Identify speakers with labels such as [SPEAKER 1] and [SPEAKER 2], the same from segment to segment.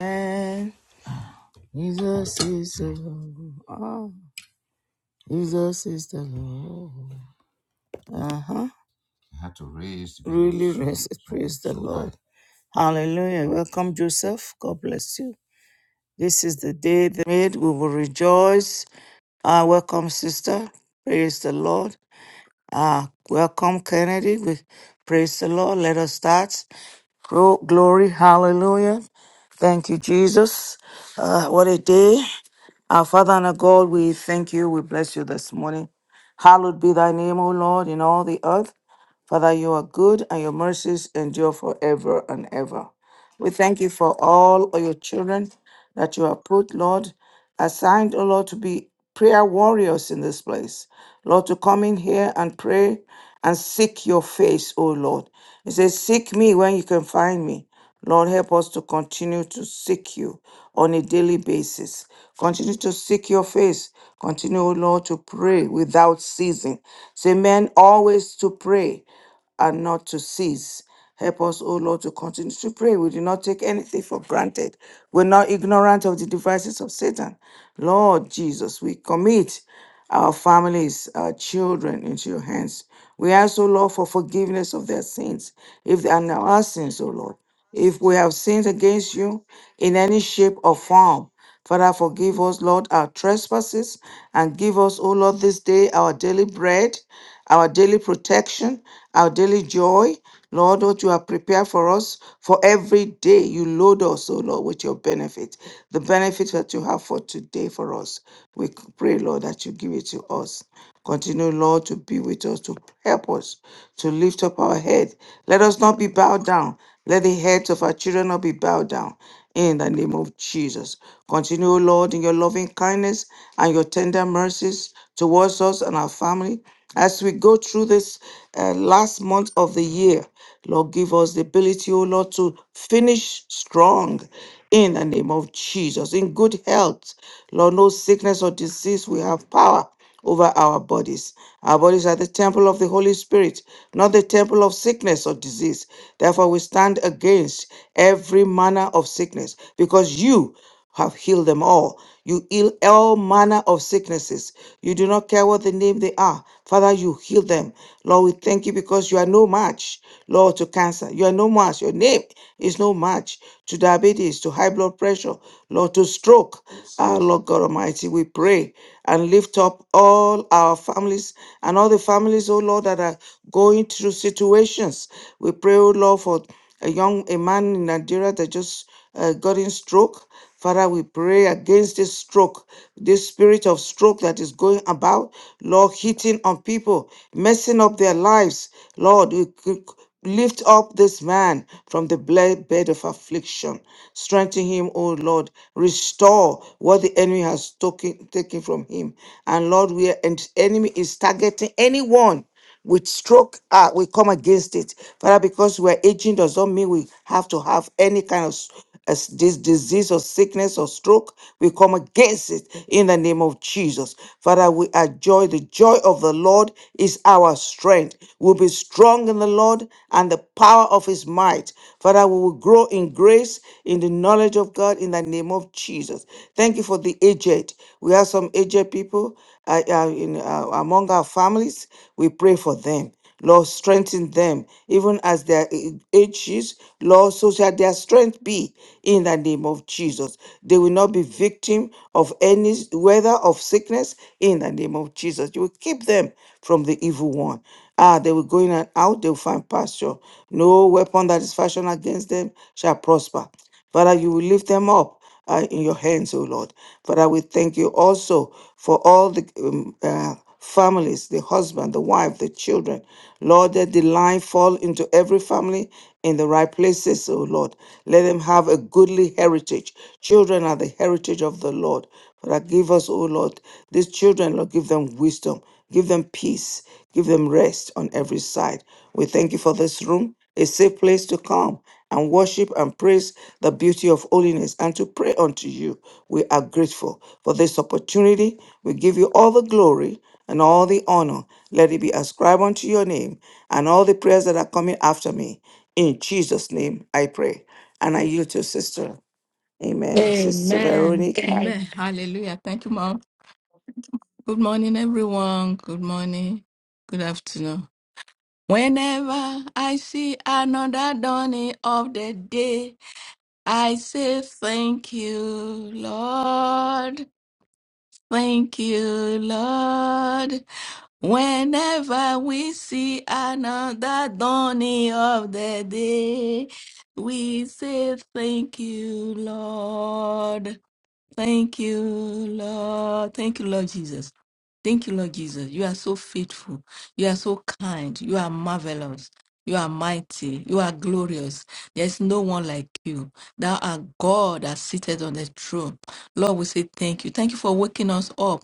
[SPEAKER 1] And Jesus is the Lord. Oh, Jesus is the Lord. Uh huh. He had to raise the dead. Really So, rest, so, praise the so Lord. that Hallelujah. Welcome, Joseph. God bless you. This is the day they made. We will rejoice. Ah, welcome, sister. Praise the Lord. Ah, welcome, Kennedy. We praise the Lord. Let us start. Glo- Glory. Hallelujah. Thank you, Jesus. Ah, what a day. Our Father and our God, we thank you. We bless you this morning. Hallowed be thy name, O Lord, in all the earth. Father, you are good and your mercies endure forever and ever. We thank you for all of your children that you have put, Lord assigned, O Lord, to be prayer warriors in this place. Lord, to come in here and pray and seek your face, O Lord. He says, Seek me when you can find me. Lord, help us to continue to seek you on a daily basis. Continue to seek your face. Continue, O Lord, to pray without ceasing. Say, men always to pray and not to cease. Help us, O Lord, to continue to pray. We do not take anything for granted. We're not ignorant of the devices of Satan. Lord Jesus, we commit our families, our children into your hands. We ask, O Lord, for forgiveness of their sins, if they are our sins, O Lord. If we have sinned against you in any shape or form, Father, forgive us, Lord, our trespasses, and give us, O Lord, this day our daily bread our daily protection, our daily joy. Lord, what you have prepared for us for every day. You load us, oh Lord, with your benefit. The benefit that you have for today for us. We pray, Lord, that you give it to us. Continue, Lord, to be with us, to help us, to lift up our head. Let us not be bowed down. Let the heads of our children not be bowed down. In the name of Jesus. Continue, Lord, in your loving kindness and your tender mercies towards us and our family. As we go through this uh, last month of the year, Lord, give us the ability, oh Lord, to finish strong in the name of Jesus, in good health. Lord, no sickness or disease will have power over our bodies. Our bodies are the temple of the Holy Spirit, not the temple of sickness or disease. Therefore, we stand against every manner of sickness because you have healed them all. You heal all manner of sicknesses. You do not care what the name they are. Father, you heal them. Lord, we thank you because you are no match, Lord, to cancer. You are no match. Your name is no match to diabetes, to high blood pressure, Lord, to stroke. Our Lord God Almighty, we pray and lift up all our families and all the families, oh Lord, that are going through situations. We pray, oh Lord, for a young a man in Nigeria that just uh, gotten stroke. Father, we pray against this stroke, this spirit of stroke that is going about, Lord, hitting on people, messing up their lives. Lord, we c- lift up this man from the bla- bed of affliction. Strengthen him, O Lord. Restore what the enemy has taken, taken from him. And Lord, where the enemy is targeting anyone with stroke uh, we come against it father because we're aging does not mean we have to have any kind of s- as this disease or sickness or stroke we come against it in the name of jesus father we are joy the joy of the lord is our strength we'll be strong in the lord and the power of his might father we will grow in grace in the knowledge of god in the name of jesus thank you thank you for the aged. We have some aged people uh, uh, in, uh, among our families. We pray for them. Lord, strengthen them, even as their a- ages. Lord, so shall their strength be in the name of Jesus. They will not be victim of any weather of sickness in the name of Jesus. You will keep them from the evil one. Ah, they will go in and out, they will find pasture. No weapon that is fashioned against them shall prosper. Father, you will lift them up uh, in your hands, O Lord. Father, we thank you also for all the um, uh, families, the husband, the wife, the children. Lord, that the line fall into every family in the right places, O Lord. Let them have a goodly heritage. Children are the heritage of the Lord. Father, give us, O Lord, these children, Lord, give them wisdom, give them peace, give them rest on every side. We thank you for this room a safe place to come and worship and praise the beauty of holiness and to pray unto you. We are grateful for this opportunity. We give you all the glory and all the honor. Let it be ascribed unto your name and all the prayers that are coming after me. In Jesus' name I pray. And I yield to sister. Amen. Sister
[SPEAKER 2] Amen.
[SPEAKER 1] Veronica.
[SPEAKER 2] Amen. Hallelujah. Thank you, Mom. Good morning, everyone. Good morning. Good afternoon. Whenever I see another dawning of the day, I say thank you, Lord. Thank you, Lord. Whenever we see another dawning of the day, we say thank you, Lord. Thank you, Lord. Thank you, Lord Jesus. Thank you, Lord Jesus. You are so faithful. You are so kind. You are marvelous. You are mighty. You are glorious. There's no one like you. Thou art God that seated on the throne. Lord, we say thank you. Thank you for waking us up.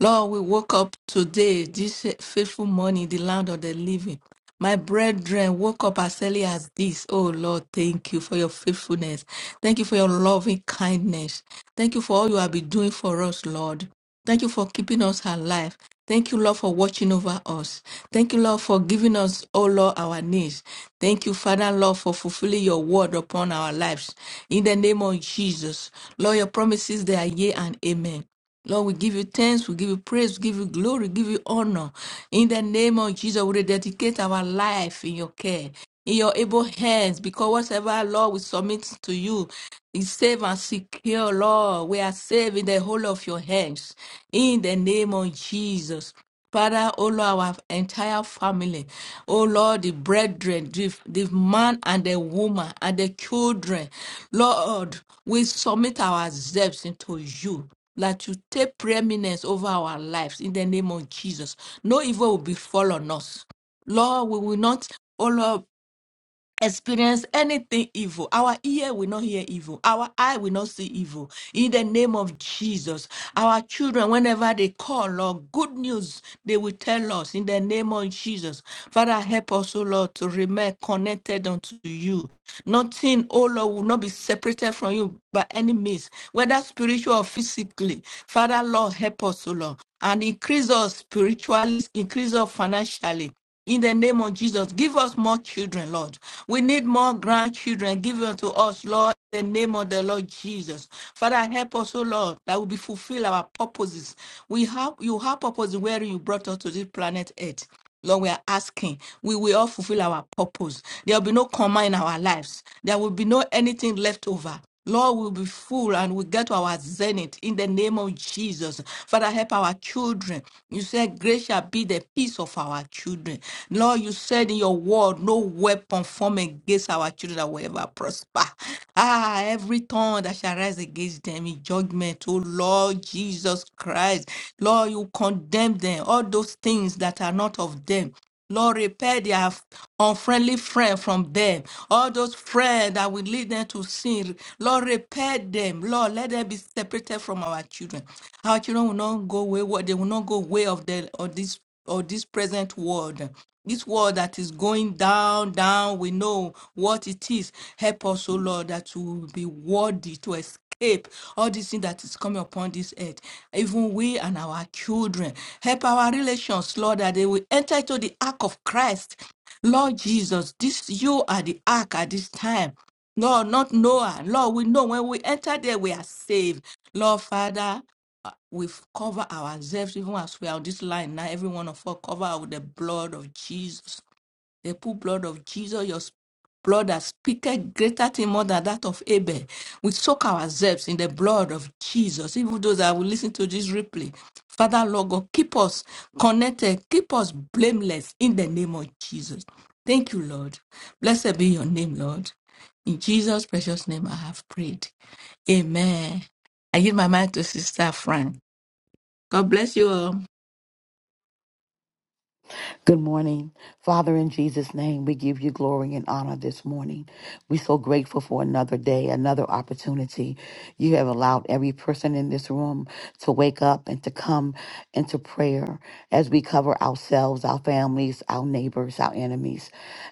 [SPEAKER 2] Lord, we woke up today, this faithful morning, the land of the living. My brethren woke up as early as this. Oh Lord, thank you for your faithfulness. Thank you for your loving kindness. Thank you for all you have been doing for us, Lord. Thank you for keeping us alive. Thank you, Lord, for watching over us. Thank you, Lord, for giving us, oh Lord, our needs. Thank you, Father, Lord, for fulfilling your word upon our lives. In the name of Jesus, Lord, your promises, they are yea and amen. Lord, we give you thanks, we give you praise, we give you glory, we give you honor. In the name of Jesus, we dedicate our life in your care, in your able hands, because whatever, Lord, we submit to you. Be safe and secure, Lord. We are safe in the whole of your hands. In the name of Jesus. Father, O Lord, our entire family, O Lord, the brethren, the, the man and the woman and the children, Lord, we submit ourselves into you that you take preeminence over our lives in the name of Jesus. No evil will befall on us. Lord, we will not, O Lord, experience anything evil. Our ear will not hear evil. Our eye will not see evil. In the name of Jesus, our children, whenever they call, Lord, good news, they will tell us in the name of Jesus. Father, help us, O Lord, to remain connected unto you. Nothing, O Lord, will not be separated from you by any means, whether spiritual or physically. Father, Lord, help us, O Lord, and increase us spiritually, increase us financially. In the name of Jesus, give us more children, Lord. We need more grandchildren given to us, Lord, in the name of the Lord Jesus. Father, help us, O Lord, that we fulfill our purposes. We have you have purpose wherein you brought us to this planet Earth. Lord, we are asking. We will all fulfill our purpose. There will be no coma in our lives. There will be no anything left over. Lord, we'll be full and we get to our zenith in the name of Jesus. Father, help our children. You said, Grace shall be the peace of our children. Lord, you said in your word, no weapon formed against our children that will ever prosper. Ah, every tongue that shall rise against them in judgment, oh Lord Jesus Christ. Lord, you condemn them, all those things that are not of them. Lord, repair their unfriendly friend from them. All those friends that will lead them to sin. Lord, repair them. Lord, let them be separated from our children. Our children will not go wayward. They will not go way of the of this or this present world. This world that is going down, down. We know what it is. Help us, O Lord, that we will be worthy to escape escape all this thing that is coming upon this earth, even we and our children. Help our relations, Lord, that they will enter into the ark of Christ. Lord Jesus, this you are the ark at this time. Lord, not Noah. Lord, we know when we enter there, we are saved. Lord Father, uh, we cover ourselves even as we are on this line now. Every one of us cover with the blood of Jesus. The poor blood of Jesus, your blood that speaketh greater thing more than that of Abel. We soak ourselves in the blood of Jesus. Even those that will listen to this replay. Father, Lord God, keep us connected, keep us blameless in the name of Jesus. Thank you, Lord. Blessed be your name, Lord. In Jesus' precious name, I have prayed. Amen. I give my mind to Sister Frank. God bless you all.
[SPEAKER 3] Good morning. Father, in Jesus' name, we give you glory and honor this morning. We're so grateful for another day, another opportunity. You have allowed every person in this room to wake up and to come into prayer as we cover ourselves, our families, our neighbors, our enemies,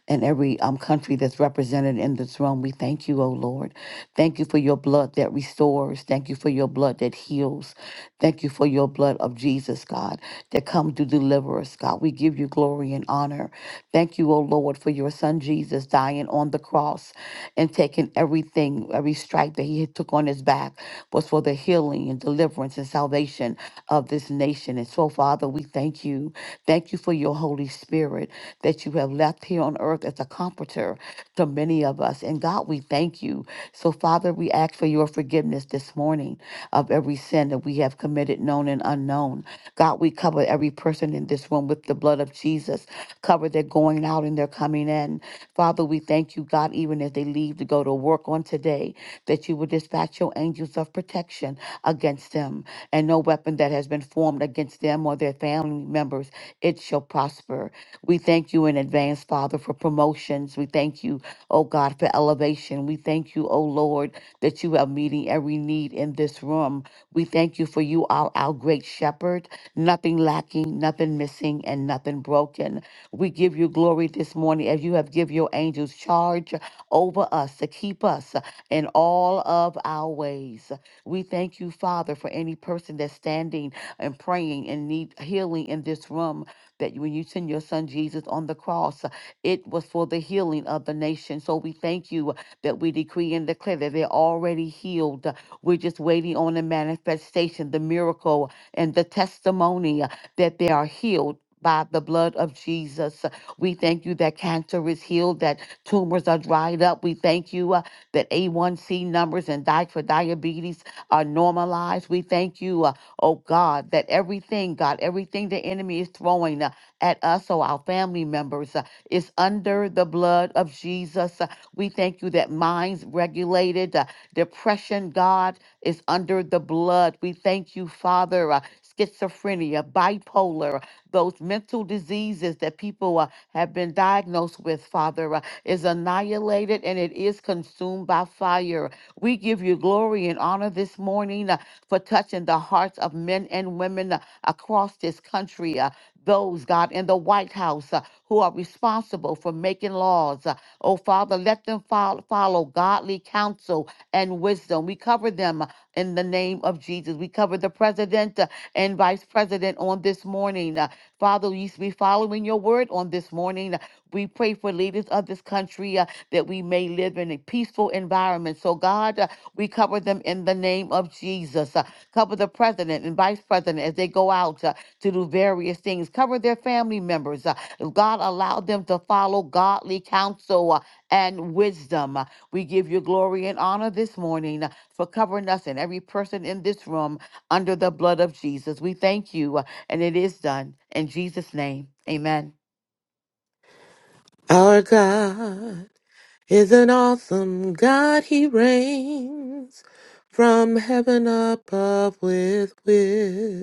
[SPEAKER 3] and every um, country that's represented in this room. We thank you, O Lord. Thank you for your blood that restores. Thank you for your blood that heals. Thank you for your blood of Jesus, God, that comes to deliver us, God. We give you glory and honor. Thank you, O Lord, for your son Jesus dying on the cross us and taking everything, every stripe that he had took on his back was for the healing and deliverance and salvation of this nation. And so, Father, we thank you. Thank you for your Holy Spirit that you have left here on earth as a comforter to many of us. And God, we thank you. So, Father, we ask for your forgiveness this morning of every sin that we have committed, known and unknown. God, we cover every person in this room with the blood of Jesus. Cover their going out and their coming in. Father, we thank you, God, even even as they leave to go to work on today, that you will dispatch your angels of protection against them, and no weapon that has been formed against them or their family members, it shall prosper. We thank you in advance, Father, for promotions. We thank you, oh God, for elevation. We thank you, oh Lord, that you are meeting every need in this room. We thank you for you are our great shepherd, nothing lacking, nothing missing, and nothing broken. We give you glory this morning as you have give your angels charge over us to keep us in all of our ways. We thank you, Father, for any person that's standing and praying and need healing in this room. That when you send your son Jesus on the cross, it was for the healing of the nation. So we thank you that we decree and declare that they're already healed. We're just waiting on the manifestation, the miracle, and the testimony uh, that they are healed. By the blood of Jesus. We thank you that cancer is healed, that Tumors are dried up. We thank you uh, that A1C numbers and diet for diabetes are normalized. We thank you, uh, oh God, that everything, God, everything the enemy is throwing uh, at us or our family members uh, is under the blood of Jesus. Uh, we thank you that minds regulated, uh, depression, God, is under the blood. We thank you, Father. Uh, schizophrenia, bipolar, those mental diseases that people uh, have been diagnosed with, Father. uh, is annihilated and it is consumed by fire. We give you glory and honor this morning uh, for touching the hearts of men and women uh, across this country. uh, those, God, in the White House uh, who are responsible for making laws. Uh, oh, Father, let them fol- follow godly counsel and wisdom. We cover them uh, in the name of Jesus. We cover the president uh, and vice president on this morning. Uh, Father, we used to be following your word on this morning. Uh, We pray for leaders of this country uh, that we may live in a peaceful environment. So, God, uh, we cover them in the name of Jesus. Uh, Cover the president and vice president as they go out uh, to do various things. Cover their family members. Uh, God, allow them to follow godly counsel uh, and wisdom. We give you glory and honor this morning uh, for covering us and every person in this room under the blood of Jesus. We thank you, uh, and it is done. In Jesus' name, amen.
[SPEAKER 4] Our God is an awesome God. He reigns from heaven above with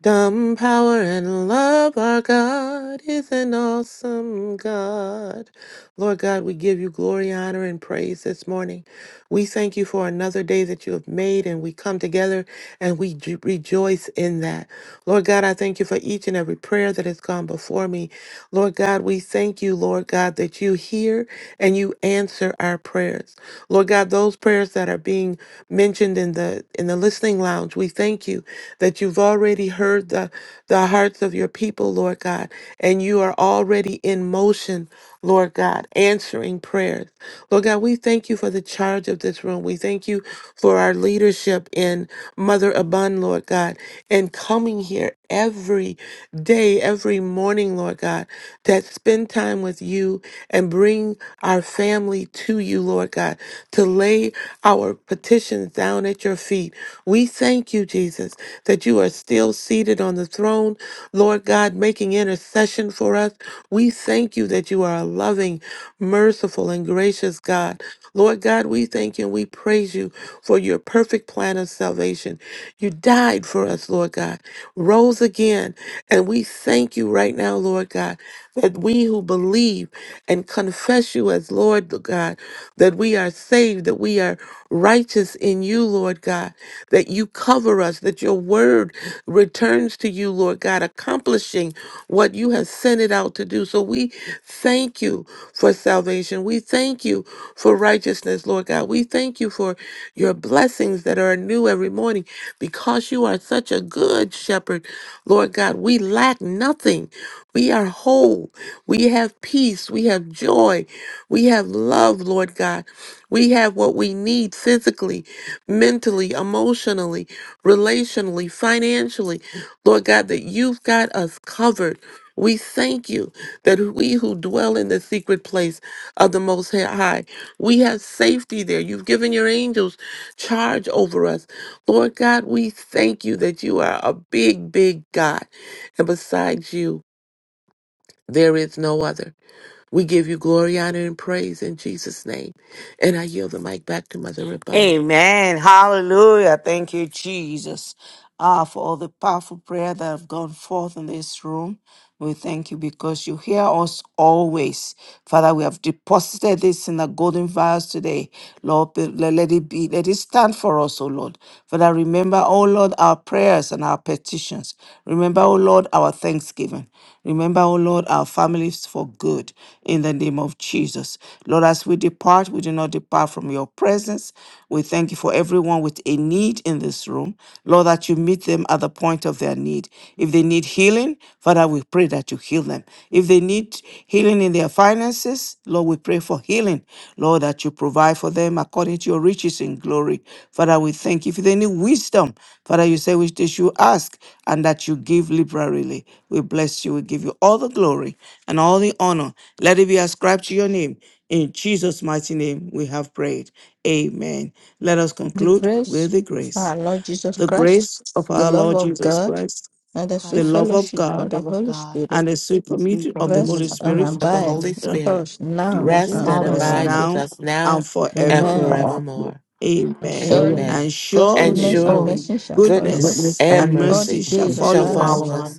[SPEAKER 4] Dumb power and love, our God is an awesome God. Lord God, we give you glory, honor, and praise this morning. We thank you for another day that you have made, and we come together and we ju- rejoice in that. Lord God, I thank you for each and every prayer that has gone before me. Lord God, we thank you, Lord God, that you hear and you answer our prayers. Lord God, those prayers that are being mentioned in the in the listening lounge, we thank you that you've already heard the, the hearts of your people, Lord God, and you are already in motion, Lord God, answering prayers. Lord God, we thank you for the charge of this room. We thank you for our leadership in Mother Abund, Lord God, and coming here every day, every morning, Lord God, that spend time with you and bring our family to you, Lord God, to lay our petitions down at your feet. We thank Thank you, Jesus, that you are still seated on the throne, Lord God, making intercession for us. We thank you that you are a loving, merciful, and gracious God. Lord God, we thank you and we praise you for your perfect plan of salvation. You died for us, Lord God, rose again, and we thank you right now, Lord God that we who believe and confess you as Lord God, that we are saved, that we are righteous in you, Lord God, that you cover us, that your word returns to you, Lord God, accomplishing what you have sent it out to do. So we thank you for salvation. We thank you for righteousness, Lord God. We thank you for your blessings that are new every morning because you are such a good shepherd, Lord God. We lack nothing. We are whole. We have peace. We have joy. We have love, Lord God. We have what we need physically, mentally, emotionally, relationally, financially. Lord God, that you've got us covered. We thank you that we who dwell in the secret place of the Most High, we have safety there. You've given your angels charge over us. Lord God, we thank you that you are a big, big God. And besides you, there is no other. We give you glory, honor, and praise in Jesus' name. And I yield the mic back to Mother Rabun.
[SPEAKER 1] Amen. Hallelujah. Thank you, Jesus, uh, for all the powerful prayer that have gone forth in this room. We thank you because you hear us always. Father, we have deposited this in the golden vials today. Lord, be- le- let it be, let it stand for us, O Lord. Father, remember, O Lord, our prayers and our petitions. Remember, O Lord, our thanksgiving. Remember, O Lord, our families for good in the name of Jesus. Lord, as we depart, we do not depart from your presence. We thank you for everyone with a need in this room. Lord, that you meet them at the point of their need. If they need healing, Father, we pray that you heal them. If they need healing in their finances, Lord, we pray for healing. Lord, that you provide for them according to your riches in glory. Father, we thank you. If they need wisdom, Father, you say which they should ask and that you give liberally. We bless you. We give you all the glory and all the honor. Let it be ascribed to your name. In Jesus' mighty name, we have prayed. Amen. Let us
[SPEAKER 2] The
[SPEAKER 1] conclude
[SPEAKER 2] grace
[SPEAKER 1] with the
[SPEAKER 2] of
[SPEAKER 1] grace.
[SPEAKER 2] our Lord Jesus
[SPEAKER 1] The
[SPEAKER 2] Christ,
[SPEAKER 1] grace of
[SPEAKER 2] the
[SPEAKER 1] our
[SPEAKER 2] love
[SPEAKER 1] Lord
[SPEAKER 2] of
[SPEAKER 1] Jesus
[SPEAKER 2] God,
[SPEAKER 1] Christ,
[SPEAKER 2] and the
[SPEAKER 1] the
[SPEAKER 2] sweet
[SPEAKER 3] Christ,
[SPEAKER 1] love of
[SPEAKER 2] fellowship of
[SPEAKER 1] God,
[SPEAKER 2] the
[SPEAKER 3] love of
[SPEAKER 2] Holy
[SPEAKER 3] God,
[SPEAKER 2] Spirit
[SPEAKER 1] and the sweet
[SPEAKER 3] receive
[SPEAKER 1] communion of the
[SPEAKER 3] communion
[SPEAKER 1] Holy
[SPEAKER 2] rest
[SPEAKER 3] of the
[SPEAKER 2] and
[SPEAKER 1] Spirit
[SPEAKER 3] Holy
[SPEAKER 4] Of the
[SPEAKER 2] abide
[SPEAKER 4] Holy
[SPEAKER 3] Spirit,
[SPEAKER 2] with
[SPEAKER 1] uh,
[SPEAKER 4] Spirit,
[SPEAKER 2] us
[SPEAKER 1] be
[SPEAKER 2] now
[SPEAKER 1] with
[SPEAKER 3] rest and
[SPEAKER 1] him,
[SPEAKER 4] rest
[SPEAKER 2] and
[SPEAKER 3] abide
[SPEAKER 4] and
[SPEAKER 1] with
[SPEAKER 3] with
[SPEAKER 1] us
[SPEAKER 3] us
[SPEAKER 4] abide
[SPEAKER 2] forevermore.
[SPEAKER 4] with
[SPEAKER 1] now
[SPEAKER 4] us
[SPEAKER 1] and
[SPEAKER 4] now and
[SPEAKER 2] Amen.
[SPEAKER 1] forevermore.
[SPEAKER 3] forever.
[SPEAKER 4] forevermore.
[SPEAKER 2] And
[SPEAKER 1] Amen.
[SPEAKER 2] surely
[SPEAKER 3] Amen.
[SPEAKER 4] Amen.
[SPEAKER 1] And
[SPEAKER 2] God's
[SPEAKER 4] And
[SPEAKER 2] goodness
[SPEAKER 1] surely
[SPEAKER 2] and
[SPEAKER 3] Holy,
[SPEAKER 4] surely
[SPEAKER 2] mercy shall follow
[SPEAKER 4] goodness
[SPEAKER 2] us
[SPEAKER 3] witness
[SPEAKER 1] goodness
[SPEAKER 4] and
[SPEAKER 1] and
[SPEAKER 3] and
[SPEAKER 2] all the
[SPEAKER 1] mercy
[SPEAKER 4] mercy
[SPEAKER 1] shall
[SPEAKER 2] days
[SPEAKER 3] mercy,
[SPEAKER 2] of
[SPEAKER 4] shall
[SPEAKER 2] our
[SPEAKER 1] follow us
[SPEAKER 4] follow
[SPEAKER 2] lives.
[SPEAKER 3] follow us,
[SPEAKER 4] us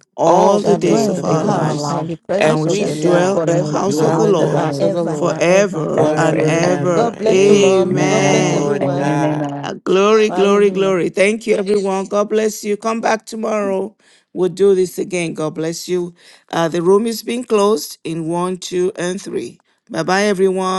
[SPEAKER 2] We
[SPEAKER 4] all
[SPEAKER 1] all
[SPEAKER 4] the
[SPEAKER 1] the
[SPEAKER 2] shall
[SPEAKER 1] days
[SPEAKER 4] days
[SPEAKER 2] dwell in
[SPEAKER 1] of
[SPEAKER 4] of
[SPEAKER 2] the
[SPEAKER 3] days
[SPEAKER 1] our
[SPEAKER 4] our
[SPEAKER 3] of our
[SPEAKER 4] life,
[SPEAKER 2] house
[SPEAKER 1] lives,
[SPEAKER 2] and
[SPEAKER 3] life,
[SPEAKER 2] in the
[SPEAKER 1] and
[SPEAKER 2] presence
[SPEAKER 4] and
[SPEAKER 1] we
[SPEAKER 2] of
[SPEAKER 4] we
[SPEAKER 1] shall
[SPEAKER 2] the Lord
[SPEAKER 1] dwell
[SPEAKER 4] shall
[SPEAKER 1] in the
[SPEAKER 3] Lord,
[SPEAKER 2] forever
[SPEAKER 3] in
[SPEAKER 1] house
[SPEAKER 3] the
[SPEAKER 1] of
[SPEAKER 4] dwell
[SPEAKER 1] the
[SPEAKER 3] house
[SPEAKER 4] in the
[SPEAKER 3] of the
[SPEAKER 1] Lord
[SPEAKER 2] and
[SPEAKER 4] house of
[SPEAKER 3] Lord,
[SPEAKER 4] the
[SPEAKER 2] ever
[SPEAKER 4] Lord
[SPEAKER 2] and ever.
[SPEAKER 1] forever
[SPEAKER 3] ever
[SPEAKER 1] and
[SPEAKER 4] forever
[SPEAKER 3] and
[SPEAKER 4] and
[SPEAKER 3] ever.
[SPEAKER 4] ever.
[SPEAKER 1] ever.
[SPEAKER 2] God bless you, Mom. God
[SPEAKER 4] Amen.
[SPEAKER 2] bless
[SPEAKER 3] Amen.
[SPEAKER 1] Amen.
[SPEAKER 4] Glory to
[SPEAKER 3] Amen.
[SPEAKER 2] everyone.
[SPEAKER 4] God.
[SPEAKER 3] Amen.
[SPEAKER 1] Uh, Glory, glory,
[SPEAKER 2] Hallelujah.
[SPEAKER 1] glory. Thank you, everyone. God bless you. Come back tomorrow. We'll do this again. God bless you. Uh, the room is being closed in one, two, and three. Bye bye, everyone.